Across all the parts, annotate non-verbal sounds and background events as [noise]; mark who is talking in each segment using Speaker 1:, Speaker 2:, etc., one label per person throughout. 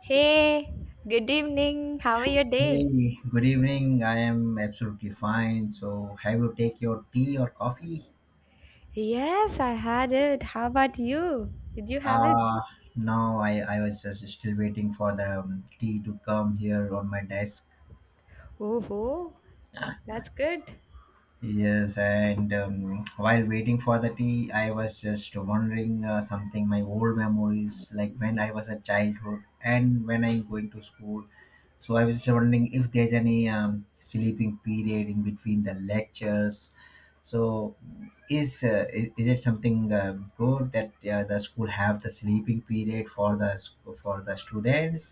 Speaker 1: Hey, good evening. How are your day?
Speaker 2: Hey, good evening. I am absolutely fine. So, have you take your tea or coffee?
Speaker 1: Yes, I had it. How about you? Did you have it?
Speaker 2: Uh, no, I was just still waiting for the tea to come here on my desk.
Speaker 1: Oh, that's good.
Speaker 2: Yes, and while waiting for the tea, I was just wondering something, my old memories, like when I was a childhood and when I'm going to school. So I was just wondering if there's any sleeping period in between the lectures. So is it something good that the school have the sleeping period for for the students.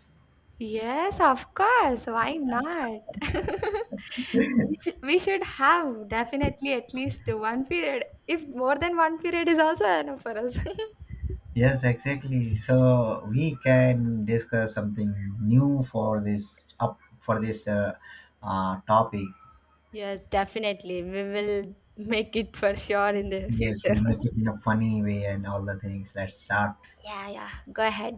Speaker 1: Yes, of course. Why not? [laughs] We should have definitely at least one period. If more than one period is also enough for us.
Speaker 2: Yes, exactly, so we can discuss something new for this topic.
Speaker 1: [laughs] Yes, definitely. We will make it for sure in the
Speaker 2: Yes, we'll
Speaker 1: future.
Speaker 2: make it in a funny way and all the things, let's start.
Speaker 1: [laughs] Yeah, yeah. Go ahead.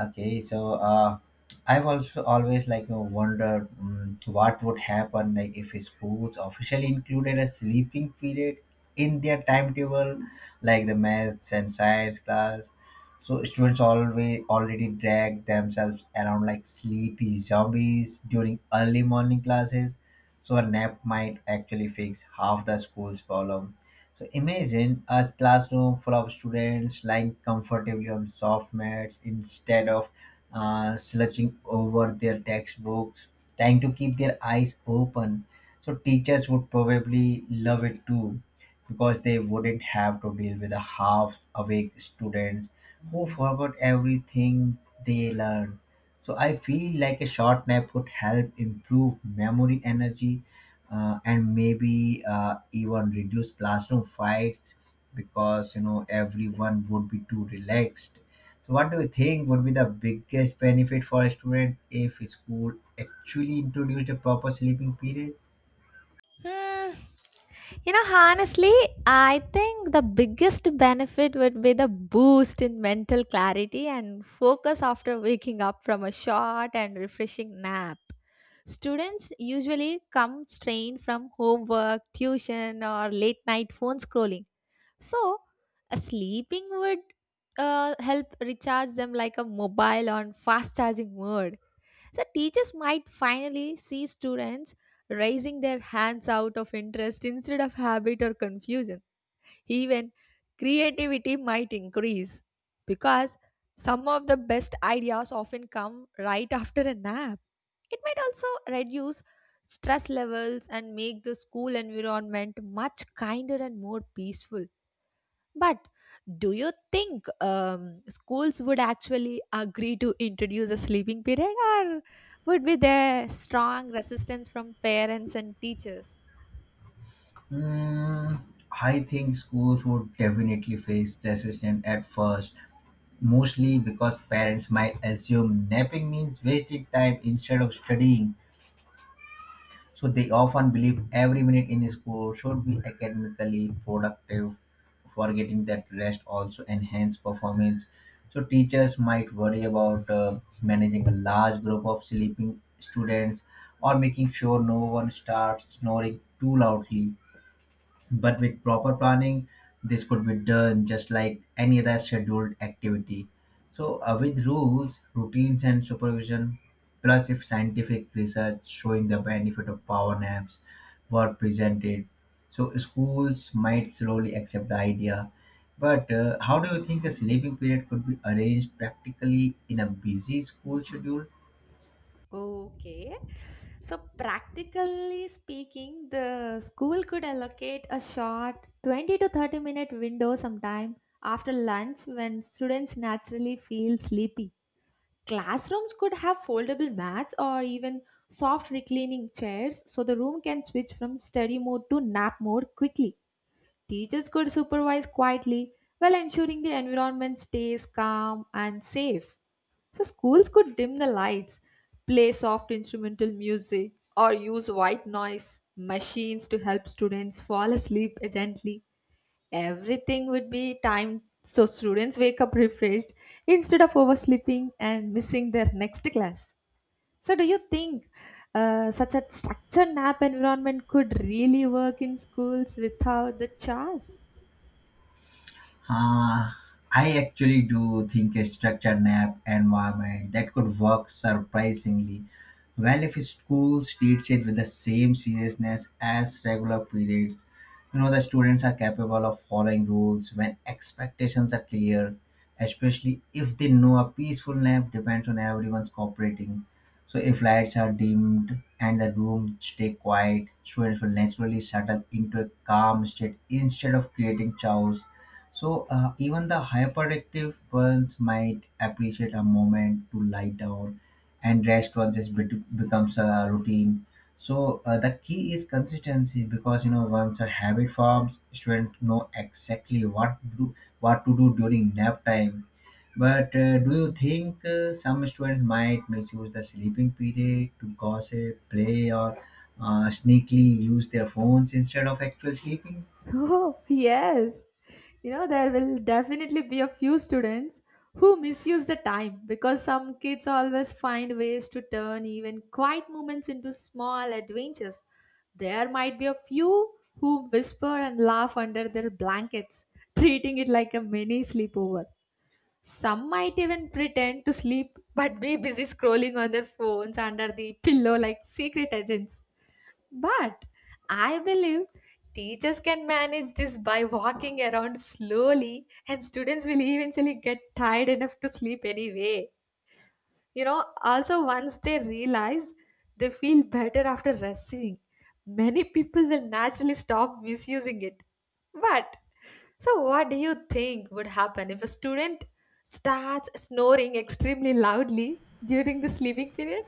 Speaker 2: Okay, so I've also always, like, you know, wondered what would happen, like if schools officially included a sleeping period in their timetable, like the maths and science class. So students always already drag themselves around like sleepy zombies during early morning classes. So a nap might actually fix half the school's problem. So imagine a classroom full of students lying comfortably on soft mats instead of slouching over their textbooks, trying to keep their eyes open. So teachers would probably love it too because they wouldn't have to deal with the half awake students who forgot everything they learned. So I feel like a short nap could help improve memory energy, and maybe even reduce classroom fights because, you know, everyone would be too relaxed. So what do you think would be the biggest benefit for a student if school actually introduced a proper sleeping period?
Speaker 1: Hmm. You know, honestly, I think the biggest benefit would be the boost in mental clarity and focus after waking up from a short and refreshing nap. Students usually come strained from homework, tuition, or late night phone scrolling. So, a sleeping would help recharge them like a mobile on fast charging mode. So teachers might finally see students raising their hands out of interest instead of habit or confusion. Even creativity might increase because some of the best ideas often come right after a nap. It might also reduce stress levels and make the school environment much kinder and more peaceful. But do you think schools would actually agree to introduce a sleeping period, or would be there strong resistance from parents and teachers?
Speaker 2: Mm, I think schools would definitely face resistance at first, mostly because parents might assume napping means wasting time instead of studying. So they often believe every minute in school should be academically productive, forgetting that rest also enhance performance. So teachers might worry about managing a large group of sleeping students or making sure no one starts snoring too loudly. But with proper planning, this could be done just like any other scheduled activity. So, with rules, routines, and supervision, plus if scientific research showing the benefit of power naps were presented, so schools might slowly accept the idea. But how do you think a sleeping period could be arranged practically in a busy school schedule?
Speaker 1: Okay. So, practically speaking, the school could allocate a short 20 to 30 minute window sometime after lunch when students naturally feel sleepy. Classrooms could have foldable mats or even soft reclining chairs so the room can switch from study mode to nap mode quickly. Teachers could supervise quietly while ensuring the environment stays calm and safe. So, schools could dim the lights, play soft instrumental music, or use white noise machines to help students fall asleep gently. Everything would be timed so students wake up refreshed instead of oversleeping and missing their next class. So, do you think such a structured nap environment could really work in schools without the chores?
Speaker 2: Uh, I actually do think a structured nap environment that could work surprisingly well if schools teach it with the same seriousness as regular periods. You know, the students are capable of following rules when expectations are clear, especially if they know a peaceful nap depends on everyone's cooperating. So, if lights are dimmed and the room stay quiet, students will naturally settle into a calm state instead of creating chaos. So even the hyperactive ones might appreciate a moment to lie down, and rest once becomes a routine. So, the key is consistency because, you know, once a habit forms, students know exactly what to do during nap time. But do you think some students might misuse the sleeping period to gossip, play, or sneakily use their phones instead of actual sleeping?
Speaker 1: [laughs] Oh, yes. You know, there will definitely be a few students who misuse the time because some kids always find ways to turn even quiet moments into small adventures. There might be a few who whisper and laugh under their blankets, treating it like a mini sleepover. Some might even pretend to sleep but be busy scrolling on their phones under the pillow like secret agents. But I believe teachers can manage this by walking around slowly, and students will eventually get tired enough to sleep anyway. You know, also, once they realize they feel better after resting, many people will naturally stop misusing it. But, so what do you think would happen if a student starts snoring extremely loudly during the sleeping period?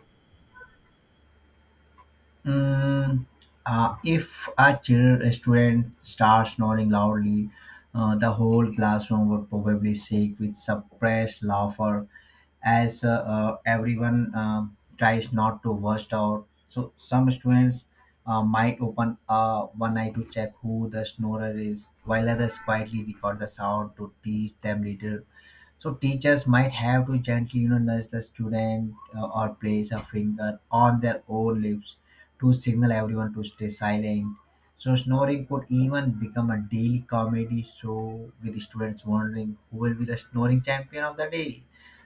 Speaker 2: Mm, if a children student starts snoring loudly, the whole classroom would probably shake with suppressed laughter as everyone tries not to burst out. So some students might open one eye to check who the snorer is, while others quietly record the sound to teach them later. So teachers might have to gently, you know, nudge the student, or place a finger on their own lips to signal everyone to stay silent. So snoring could even become a daily comedy show with the students wondering who will be the snoring champion of the day.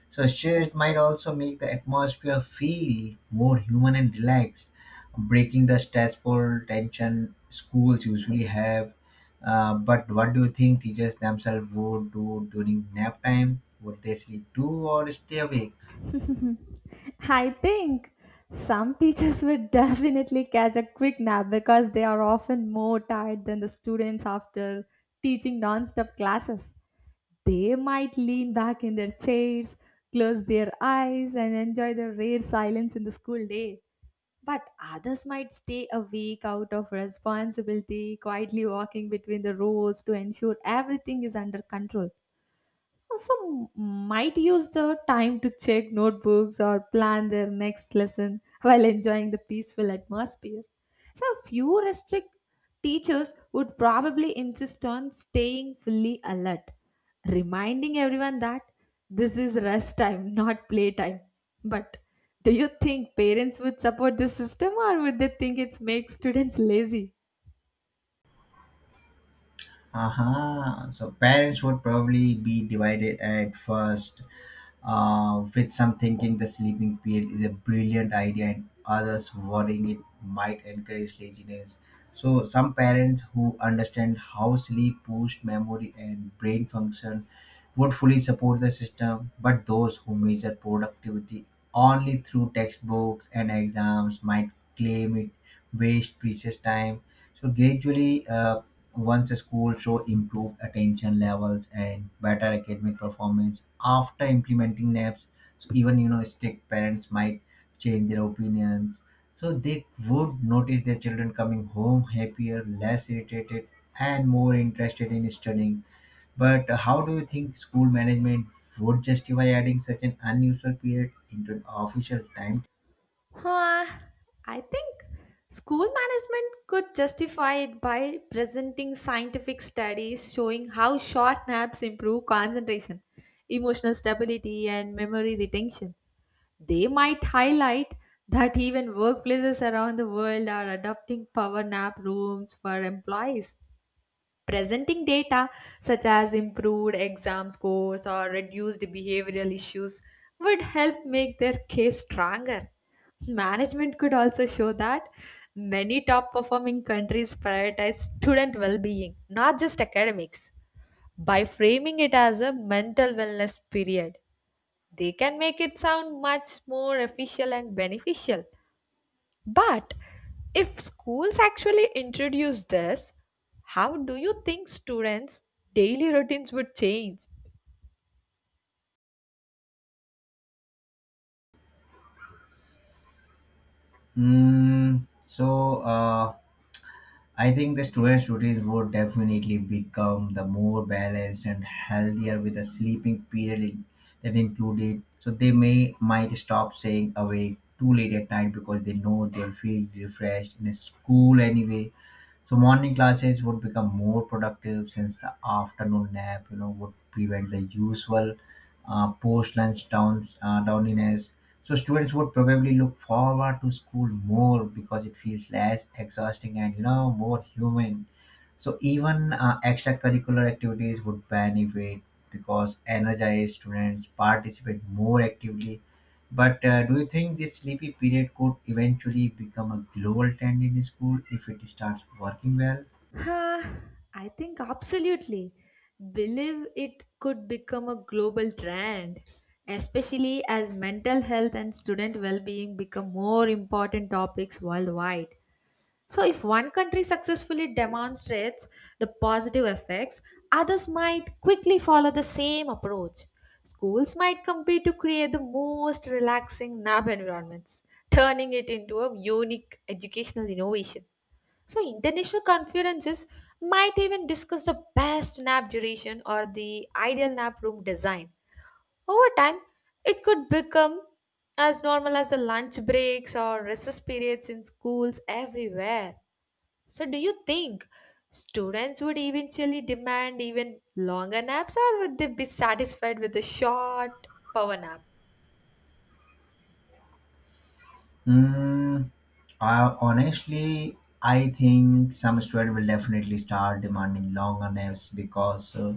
Speaker 2: So shares might also make the atmosphere feel more human and relaxed, breaking the stressful tension schools usually have. But what do you think teachers themselves would do during nap time? Would they sleep too or stay awake?
Speaker 1: [laughs] I think some teachers [laughs] would definitely catch a quick nap because they are often more tired than the students after teaching non-stop classes. They might lean back in their chairs, close their eyes, and enjoy the rare silence in the school day. But others might stay awake out of responsibility, quietly walking between the rows to ensure everything is under control. Also might use the time to check notebooks or plan their next lesson while enjoying the peaceful atmosphere. So, few restrict teachers would probably insist on staying fully alert, reminding everyone that this is rest time, not play time. But do you think parents would support this system or would they think it makes students lazy?
Speaker 2: Aha. So parents would probably be divided at first, with some thinking the sleeping period is a brilliant idea, and others worrying it might encourage laziness. So some parents who understand how sleep boosts memory and brain function would fully support the system, but those who measure productivity only through textbooks and exams might claim it waste precious time. So gradually, once schools show improved attention levels and better academic performance after implementing naps, so even, you know, strict parents might change their opinions. So they would notice their children coming home happier, less irritated, and more interested in studying. But how do you think school management would justify adding such an unusual period into an official time?
Speaker 1: Huh, I think school management could justify it by presenting scientific studies showing how short naps improve concentration, emotional stability, and memory retention. They might highlight that even workplaces around the world are adopting power nap rooms for employees. Presenting data such as improved exam scores or reduced behavioral issues would help make their case stronger. Management could also show that many top performing countries prioritize student well being, not just academics. By framing it as a mental wellness period, they can make it sound much more official and beneficial. But if schools actually introduce this, how do you think students' daily routines would change?
Speaker 2: So, I think the students' routines would definitely become the more balanced and healthier with a sleeping period that included. So they may might stop staying awake too late at night because they know they'll feel refreshed in school anyway. So morning classes would become more productive since the afternoon nap, you know, would prevent the usual post lunch downiness. So students would probably look forward to school more because it feels less exhausting and, you know, more human. So even extracurricular activities would benefit because energized students participate more actively. But do you think this sleepy period could eventually become a global trend in school if it starts working well?
Speaker 1: Huh, I think absolutely. Believe it could become a global trend, especially as mental health and student well being become more important topics worldwide. So, if one country successfully demonstrates the positive effects, others might quickly follow the same approach. Schools might compete to create the most relaxing lab environments, turning it into a unique educational innovation. So, international conferences might even discuss the best nap duration or the ideal nap room design. Over time, it could become as normal as the lunch breaks or recess periods in schools everywhere. So, do you think students would eventually demand even longer naps, or would they be satisfied with a short power nap?
Speaker 2: Mm, Honestly, I think some students will definitely start demanding longer naps because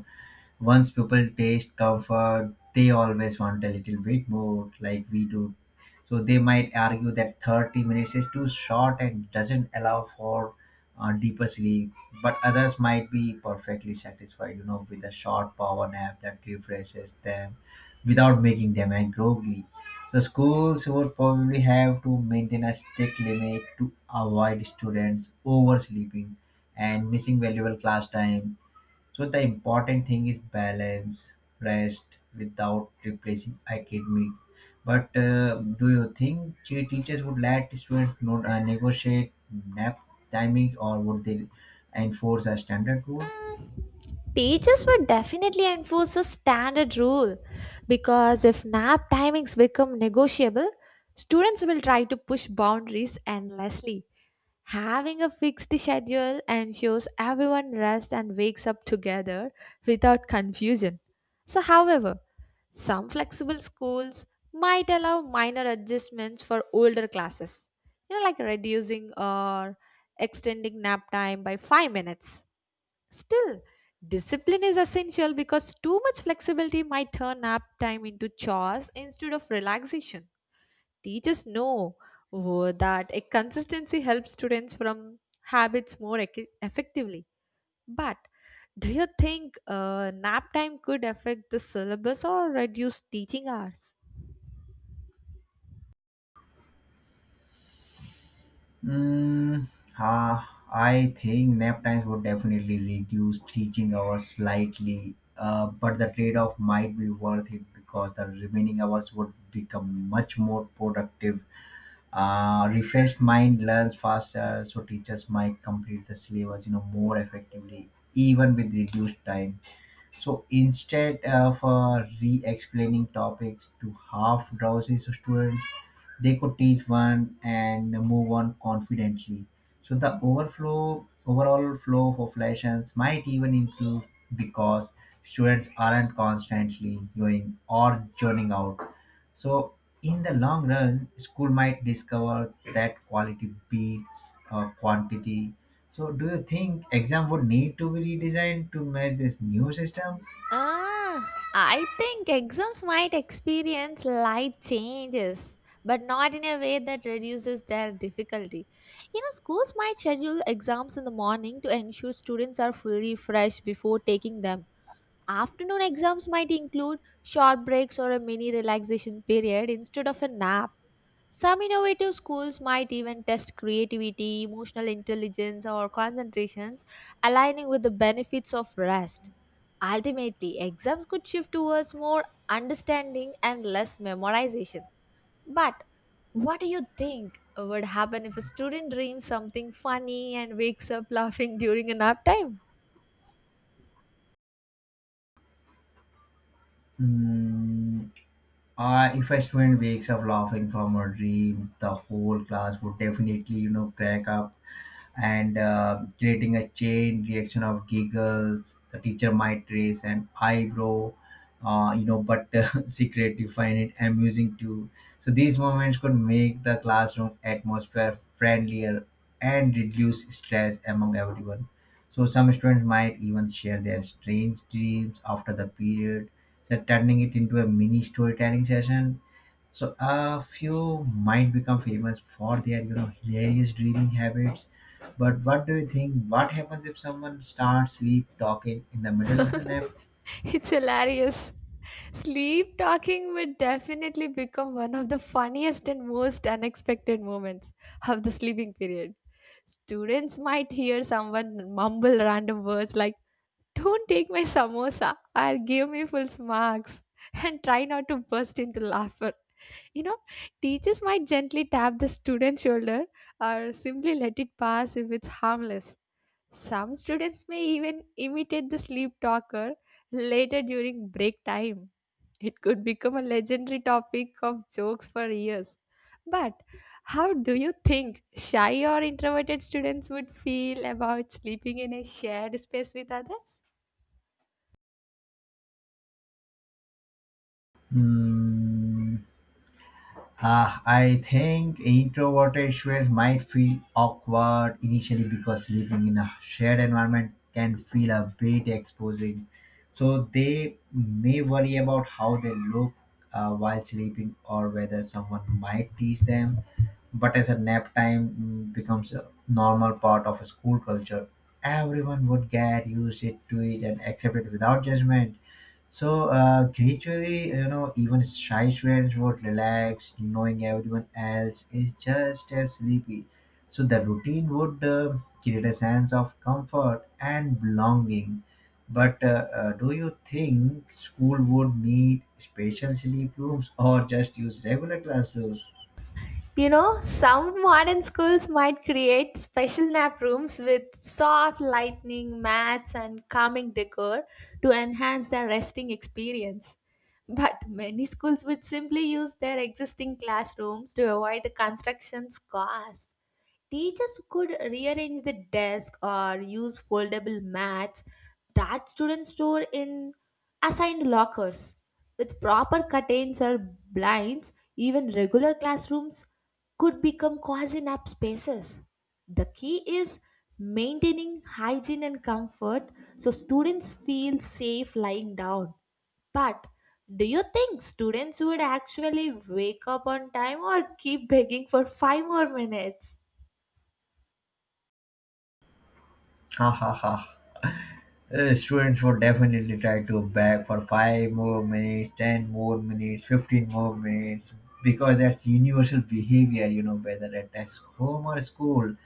Speaker 2: once people taste comfort, they always want a little bit more, like we do. So they might argue that 30 minutes is too short and doesn't allow for deeper sleep. But others might be perfectly satisfied, you know, with a short power nap that refreshes them without making them groggy. So schools would probably have to maintain a strict limit to avoid students oversleeping and missing valuable class time, so the important thing is balance, rest without replacing academics. But do you think teachers would let students not negotiate nap timings, or would they enforce a standard rule?
Speaker 1: Teachers would definitely enforce a standard rule because if nap timings become negotiable, students will try to push boundaries endlessly. Having a fixed schedule ensures everyone rests and wakes up together without confusion. So, however, some flexible schools might allow minor adjustments for older classes, you know, like reducing or extending nap time by 5 minutes. Still, discipline is essential because too much flexibility might turn nap time into chores instead of relaxation. Teachers know that a consistency helps students from habits more effectively. But do you think nap time could affect the syllabus or reduce teaching hours?
Speaker 2: Mm, uh, I think nap times would definitely reduce teaching hours slightly, but the trade off might be worth it because the remaining hours would become much more productive. Refreshed mind learns faster, so teachers might complete the syllabus, you know, more effectively even with reduced time. So instead of re-explaining topics to half drowsy students, they could teach one and move on confidently. So the overall flow of lessons might even improve because students aren't constantly going or joining out. So in the long run, school might discover that quality beats quantity. So, do you think exam would need to be redesigned to match this new system?
Speaker 1: Ah, I think exams might experience light changes, but not in a way that reduces their difficulty. You know, schools might schedule exams in the morning to ensure students are fully fresh before taking them. Afternoon exams might include short breaks or a mini relaxation period instead of a nap. Some innovative schools might even test creativity, emotional intelligence, or concentrations, aligning with the benefits of rest. Ultimately, exams could shift towards more understanding and less memorization. But what do you think would happen if a student dreams something funny and wakes up [laughs] laughing during a nap time?
Speaker 2: Mm, if a student wakes up laughing from a dream, the whole class would definitely, you know, crack up, and creating a chain reaction of giggles. The teacher might raise an eyebrow, you know, but [laughs] secretly find it amusing too. So these moments could make the classroom atmosphere friendlier and reduce stress among everyone. So some students might even share their strange dreams after the period, so turning it into a mini storytelling session. So a few might become famous for their, you know, hilarious dreaming habits. But what do you think? What happens if someone starts sleep talking in the middle of the
Speaker 1: [laughs]
Speaker 2: nap?
Speaker 1: It's hilarious. Sleep talking would definitely become one of the funniest and most unexpected moments of the sleeping period. Students might hear someone mumble random words like "Don't take my samosa" or "give me full marks" and try not to burst into laughter. You know, teachers might gently tap the student's shoulder or simply let it pass if it's harmless. Some students may even imitate the sleep talker later during break time. It could become a legendary topic of jokes for years. But how do you think shy or introverted students would feel about sleeping in a shared space with others?
Speaker 2: Hmm. I think introverted students might feel awkward initially because sleeping in a shared environment can feel a bit exposing. So they may worry about how they look while sleeping or whether someone might tease them. But as a nap time becomes a normal part of a school culture, everyone would get used it to it and accept it without judgment. So, gradually, you know, even shy students would relax, knowing everyone else is just as sleepy. So the routine would create a sense of comfort and belonging. But do you think school would need special sleep rooms or just use regular classrooms?
Speaker 1: You know, some modern schools might create special nap rooms with soft lighting, mats, and calming decor to enhance their resting experience. But many schools would simply use their existing classrooms to avoid the construction's cost. Teachers could rearrange the desk or use foldable mats that students store in assigned lockers. With proper curtains or blinds, even regular classrooms could become cozy nap spaces. The key is maintaining hygiene and comfort so students feel safe lying down. But do you think students would actually wake up on time or keep begging for five more minutes?
Speaker 2: Ha ha ha. Students would definitely try to bag for 5 more minutes, 10 more minutes, 15 more minutes, because that's universal behavior, you know, whether at desk, home, or school.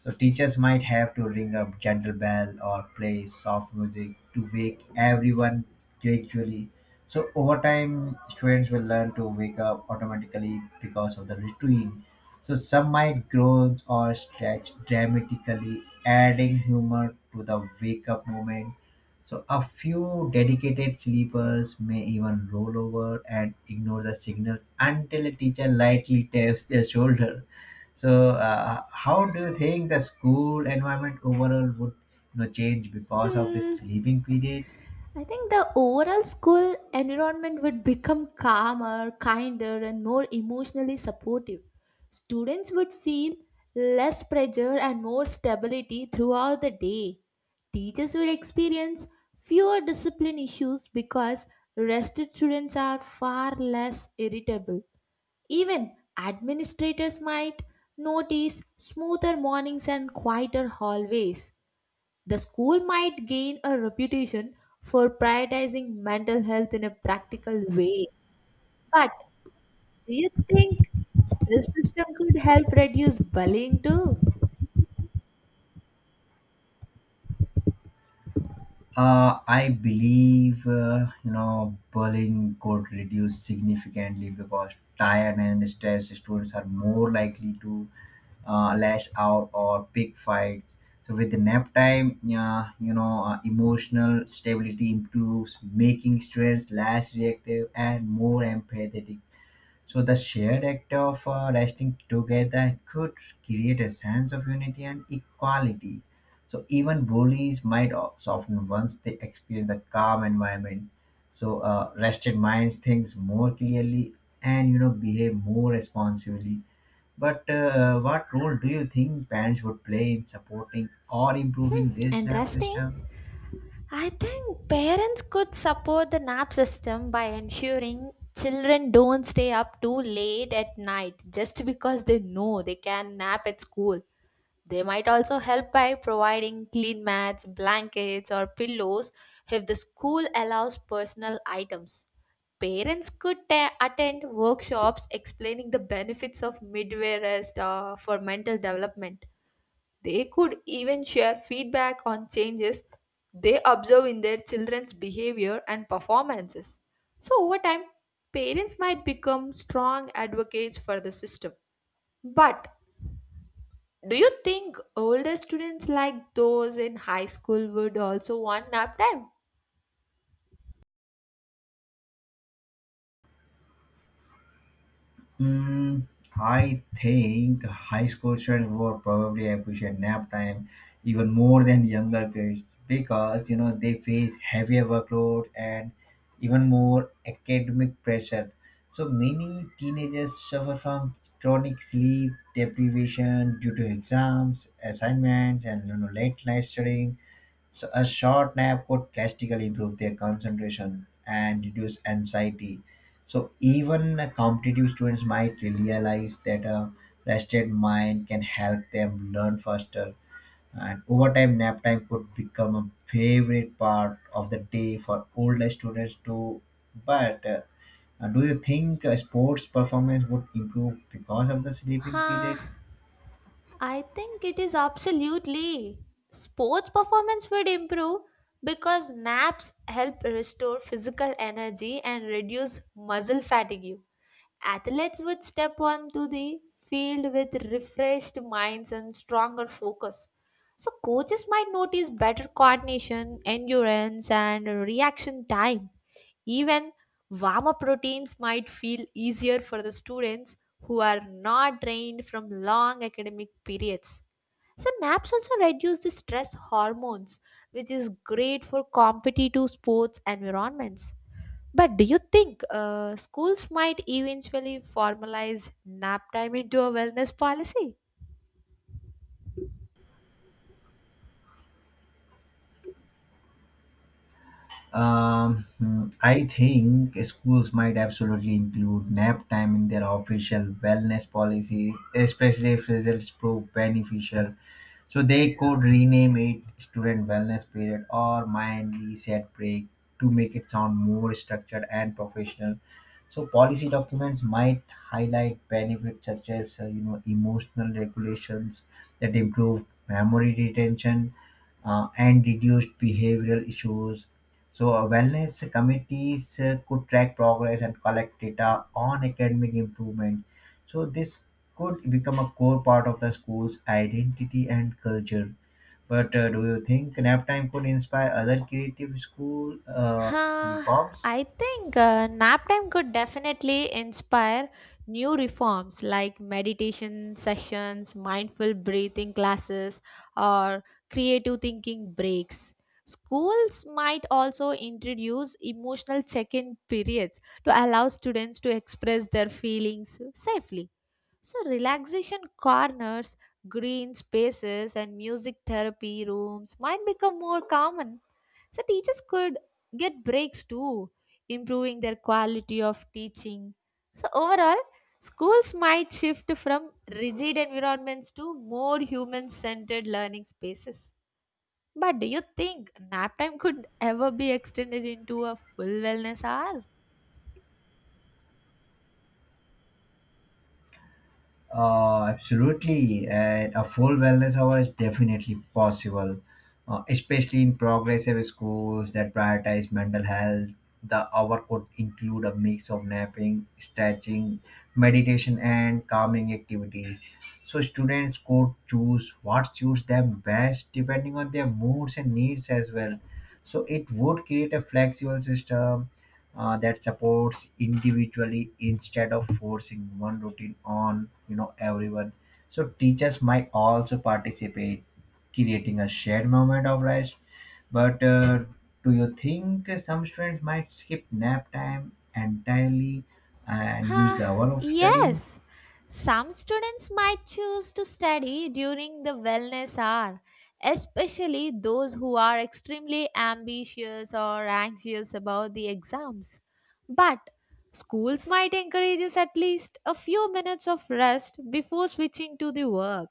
Speaker 2: So teachers might have to ring a gentle bell or play soft music to wake everyone gradually. So over time, students will learn to wake up automatically because of the routine. So some might groan or stretch dramatically, adding humor to the wake up moment. So a few dedicated sleepers may even roll over and ignore the signals until a teacher lightly taps their shoulder. So, how do you think the school environment overall would, you know, change because of
Speaker 1: Hmm.
Speaker 2: this sleeping period?
Speaker 1: I think the overall school environment would become calmer, kinder, and more emotionally supportive. Students would feel less pressure and more stability throughout the day. Teachers would experience fewer discipline issues because rested students are far less irritable. Even administrators might notice smoother mornings and quieter hallways. The school might gain a reputation for prioritizing mental health in a practical way. But do you think this system could help reduce bullying too?
Speaker 2: I believe bullying could reduce significantly because tired and stressed students are more likely to lash out or pick fights. So with the nap time, emotional stability improves, making students less reactive and more empathetic. So the shared act of resting together could create a sense of unity and equality. So even bullies might soften once they experience the calm environment. So rested minds thinks more clearly and behave more responsibly. But what role do you think parents would play in supporting or improving
Speaker 1: Hmm,
Speaker 2: this nap
Speaker 1: interesting.
Speaker 2: system?
Speaker 1: I think parents could support the nap system by ensuring children don't stay up too late at night just because they know they can nap at school. They might also help by providing clean mats, blankets, or pillows if the school allows personal items. Parents could attend workshops explaining the benefits of midway rest for mental development. They could even share feedback on changes they observe in their children's behavior and performances. So, over time, parents might become strong advocates for the system. But do you think older students like those in high school would also want nap time?
Speaker 2: Mm, I think high school children would probably appreciate nap time even more than younger kids because they face heavier workload and even more academic pressure. So many teenagers suffer from chronic sleep deprivation due to exams, assignments, and late night studying, so a short nap could drastically improve their concentration and reduce anxiety. So even competitive students might realize that a rested mind can help them learn faster. And over time, nap time could become a favorite part of the day for older students too. But do you think sports performance would improve because of the sleeping
Speaker 1: Huh,
Speaker 2: period?
Speaker 1: I think it is absolutely. Sports performance would improve because naps help restore physical energy and reduce muscle fatigue. Athletes would step onto the field with refreshed minds and stronger focus. So, coaches might notice better coordination, endurance, and reaction time. Even warm up routines might feel easier for the students who are not drained from long academic periods. So naps also reduce the stress hormones, which is great for competitive sports environments. But do you think schools might eventually formalize nap time into a wellness policy?
Speaker 2: I think schools might absolutely include nap time in their official wellness policy, especially if results prove beneficial. So they could rename it student wellness period or mind reset break to make it sound more structured and professional. So policy documents might highlight benefits such as emotional regulations that improve memory retention and reduced behavioral issues. So wellness committees could track progress and collect data on academic improvement, so this could become a core part of the school's identity and culture. But do you think nap time could inspire other creative school
Speaker 1: Huh,
Speaker 2: reforms?
Speaker 1: I think nap time could definitely inspire new reforms like meditation sessions, mindful breathing classes, or creative thinking breaks. Schools might also introduce emotional check in periods to allow students to express their feelings safely. So, relaxation corners, green spaces, and music therapy rooms might become more common. So teachers could get breaks too, improving their quality of teaching. So overall, schools might shift from rigid environments to more human-centered learning spaces. But do you think nap time could ever be extended into a full wellness hour?
Speaker 2: Absolutely. And a full wellness hour is definitely possible, especially in progressive schools that prioritize mental health. The hour could include a mix of napping, stretching, meditation, and calming activities. So students could choose what suits them best depending on their moods and needs as well. So it would create a flexible system that supports individually instead of forcing one routine on everyone. So teachers might also participate, creating a shared moment of rest. But do you think some students might skip nap time entirely and use
Speaker 1: Huh,
Speaker 2: the hour of studying?
Speaker 1: yes. Some students might choose to study during the wellness hour, especially those who are extremely ambitious or anxious about the exams. But schools might encourage us at least a few minutes of rest before switching to the work.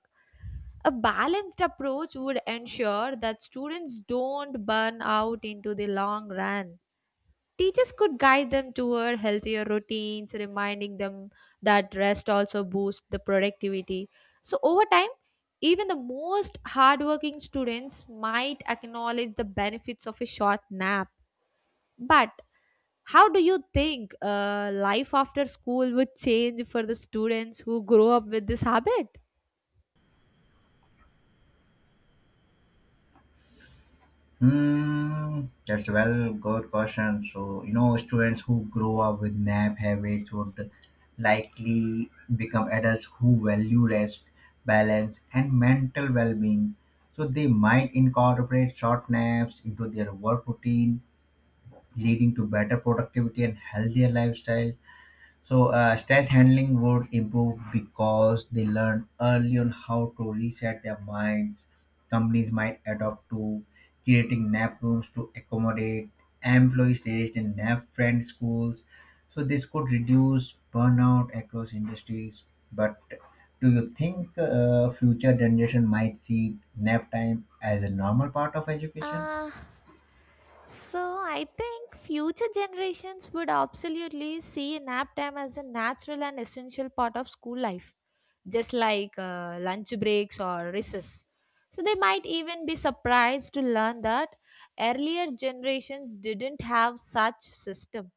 Speaker 1: A balanced approach would ensure that students don't burn out into the long run. Teachers could guide them toward healthier routines, reminding them that rest also boosts the productivity. So, over time, even the most hardworking students might acknowledge the benefits of a short nap. But how do you think life after school would change for the students who grow up with this habit?
Speaker 2: Hmm, that's a well good question. So students who grow up with nap habits would likely become adults who value rest, balance, and mental well being. So they might incorporate short naps into their work routine, leading to better productivity and healthier lifestyle. So stress handling would improve because they learn early on how to reset their minds. Companies might adopt to creating nap rooms to accommodate employees staged in nap friend schools. So this could reduce burnout across industries. But do you think future generation might see nap time as a normal part of education?
Speaker 1: Uh, So I think future generations would absolutely see nap time as a natural and essential part of school life, just like lunch breaks or recess. So they might even be surprised to learn that earlier generations didn't have such system.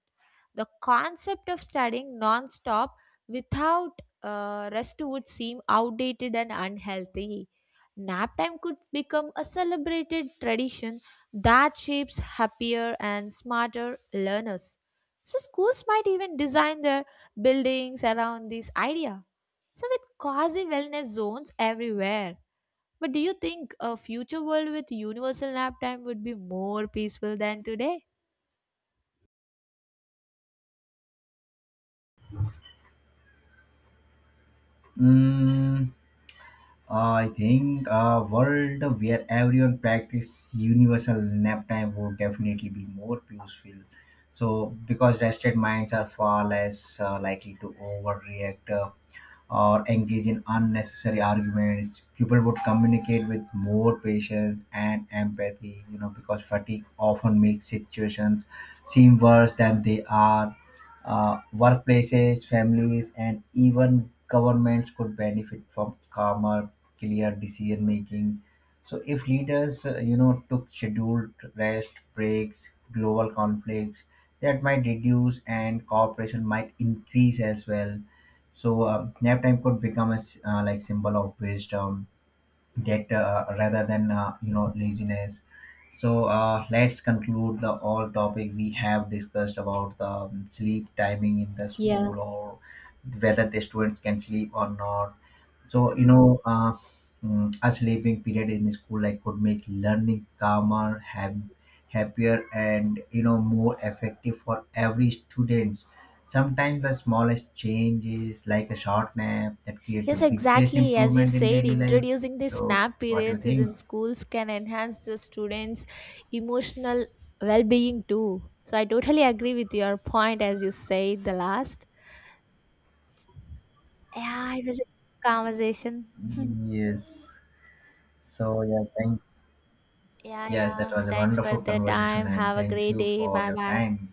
Speaker 1: The concept of studying non-stop without rest would seem outdated and unhealthy. Nap time could become a celebrated tradition that shapes happier and smarter learners. So schools might even design their buildings around this idea. So with quasi wellness zones everywhere. But do you think a future world with universal nap time would be more peaceful than today?
Speaker 2: Mm, I think a world where everyone practice universal nap time would definitely be more peaceful. So, because rested minds are far less likely to overreact or engage in unnecessary arguments, people would communicate with more patience and empathy. You know, because fatigue often makes situations seem worse than they are. Workplaces, families, and even governments could benefit from calmer, clear decision making. So if leaders, took scheduled rest, breaks, global conflicts, that might reduce and cooperation might increase as well. So nap time could become a like symbol of wisdom get rather than laziness. So let's conclude the all topic we have discussed about the sleep timing in the
Speaker 1: Yeah,
Speaker 2: school, or whether the students can sleep or not. So a sleeping period in school like could make learning calmer, have happier and more effective for every students. Sometimes the smallest changes like a short nap that creates a
Speaker 1: Yes,
Speaker 2: biggest
Speaker 1: exactly. As you
Speaker 2: improvement in
Speaker 1: said,
Speaker 2: daily life.
Speaker 1: introducing the
Speaker 2: So,
Speaker 1: SNAP
Speaker 2: what do you
Speaker 1: periods is in
Speaker 2: think?
Speaker 1: schools can enhance the students' emotional well being too. So I totally agree with your point as you said the last. Yeah, it was a conversation. [laughs]
Speaker 2: Yes. So, yeah, thank—
Speaker 1: Yeah,
Speaker 2: yes, that
Speaker 1: yeah.
Speaker 2: was a
Speaker 1: Thanks for
Speaker 2: wonderful
Speaker 1: the
Speaker 2: conversation,
Speaker 1: time.
Speaker 2: and
Speaker 1: Have a
Speaker 2: thank
Speaker 1: great
Speaker 2: you
Speaker 1: day.
Speaker 2: for
Speaker 1: Bye
Speaker 2: your
Speaker 1: bye.
Speaker 2: time.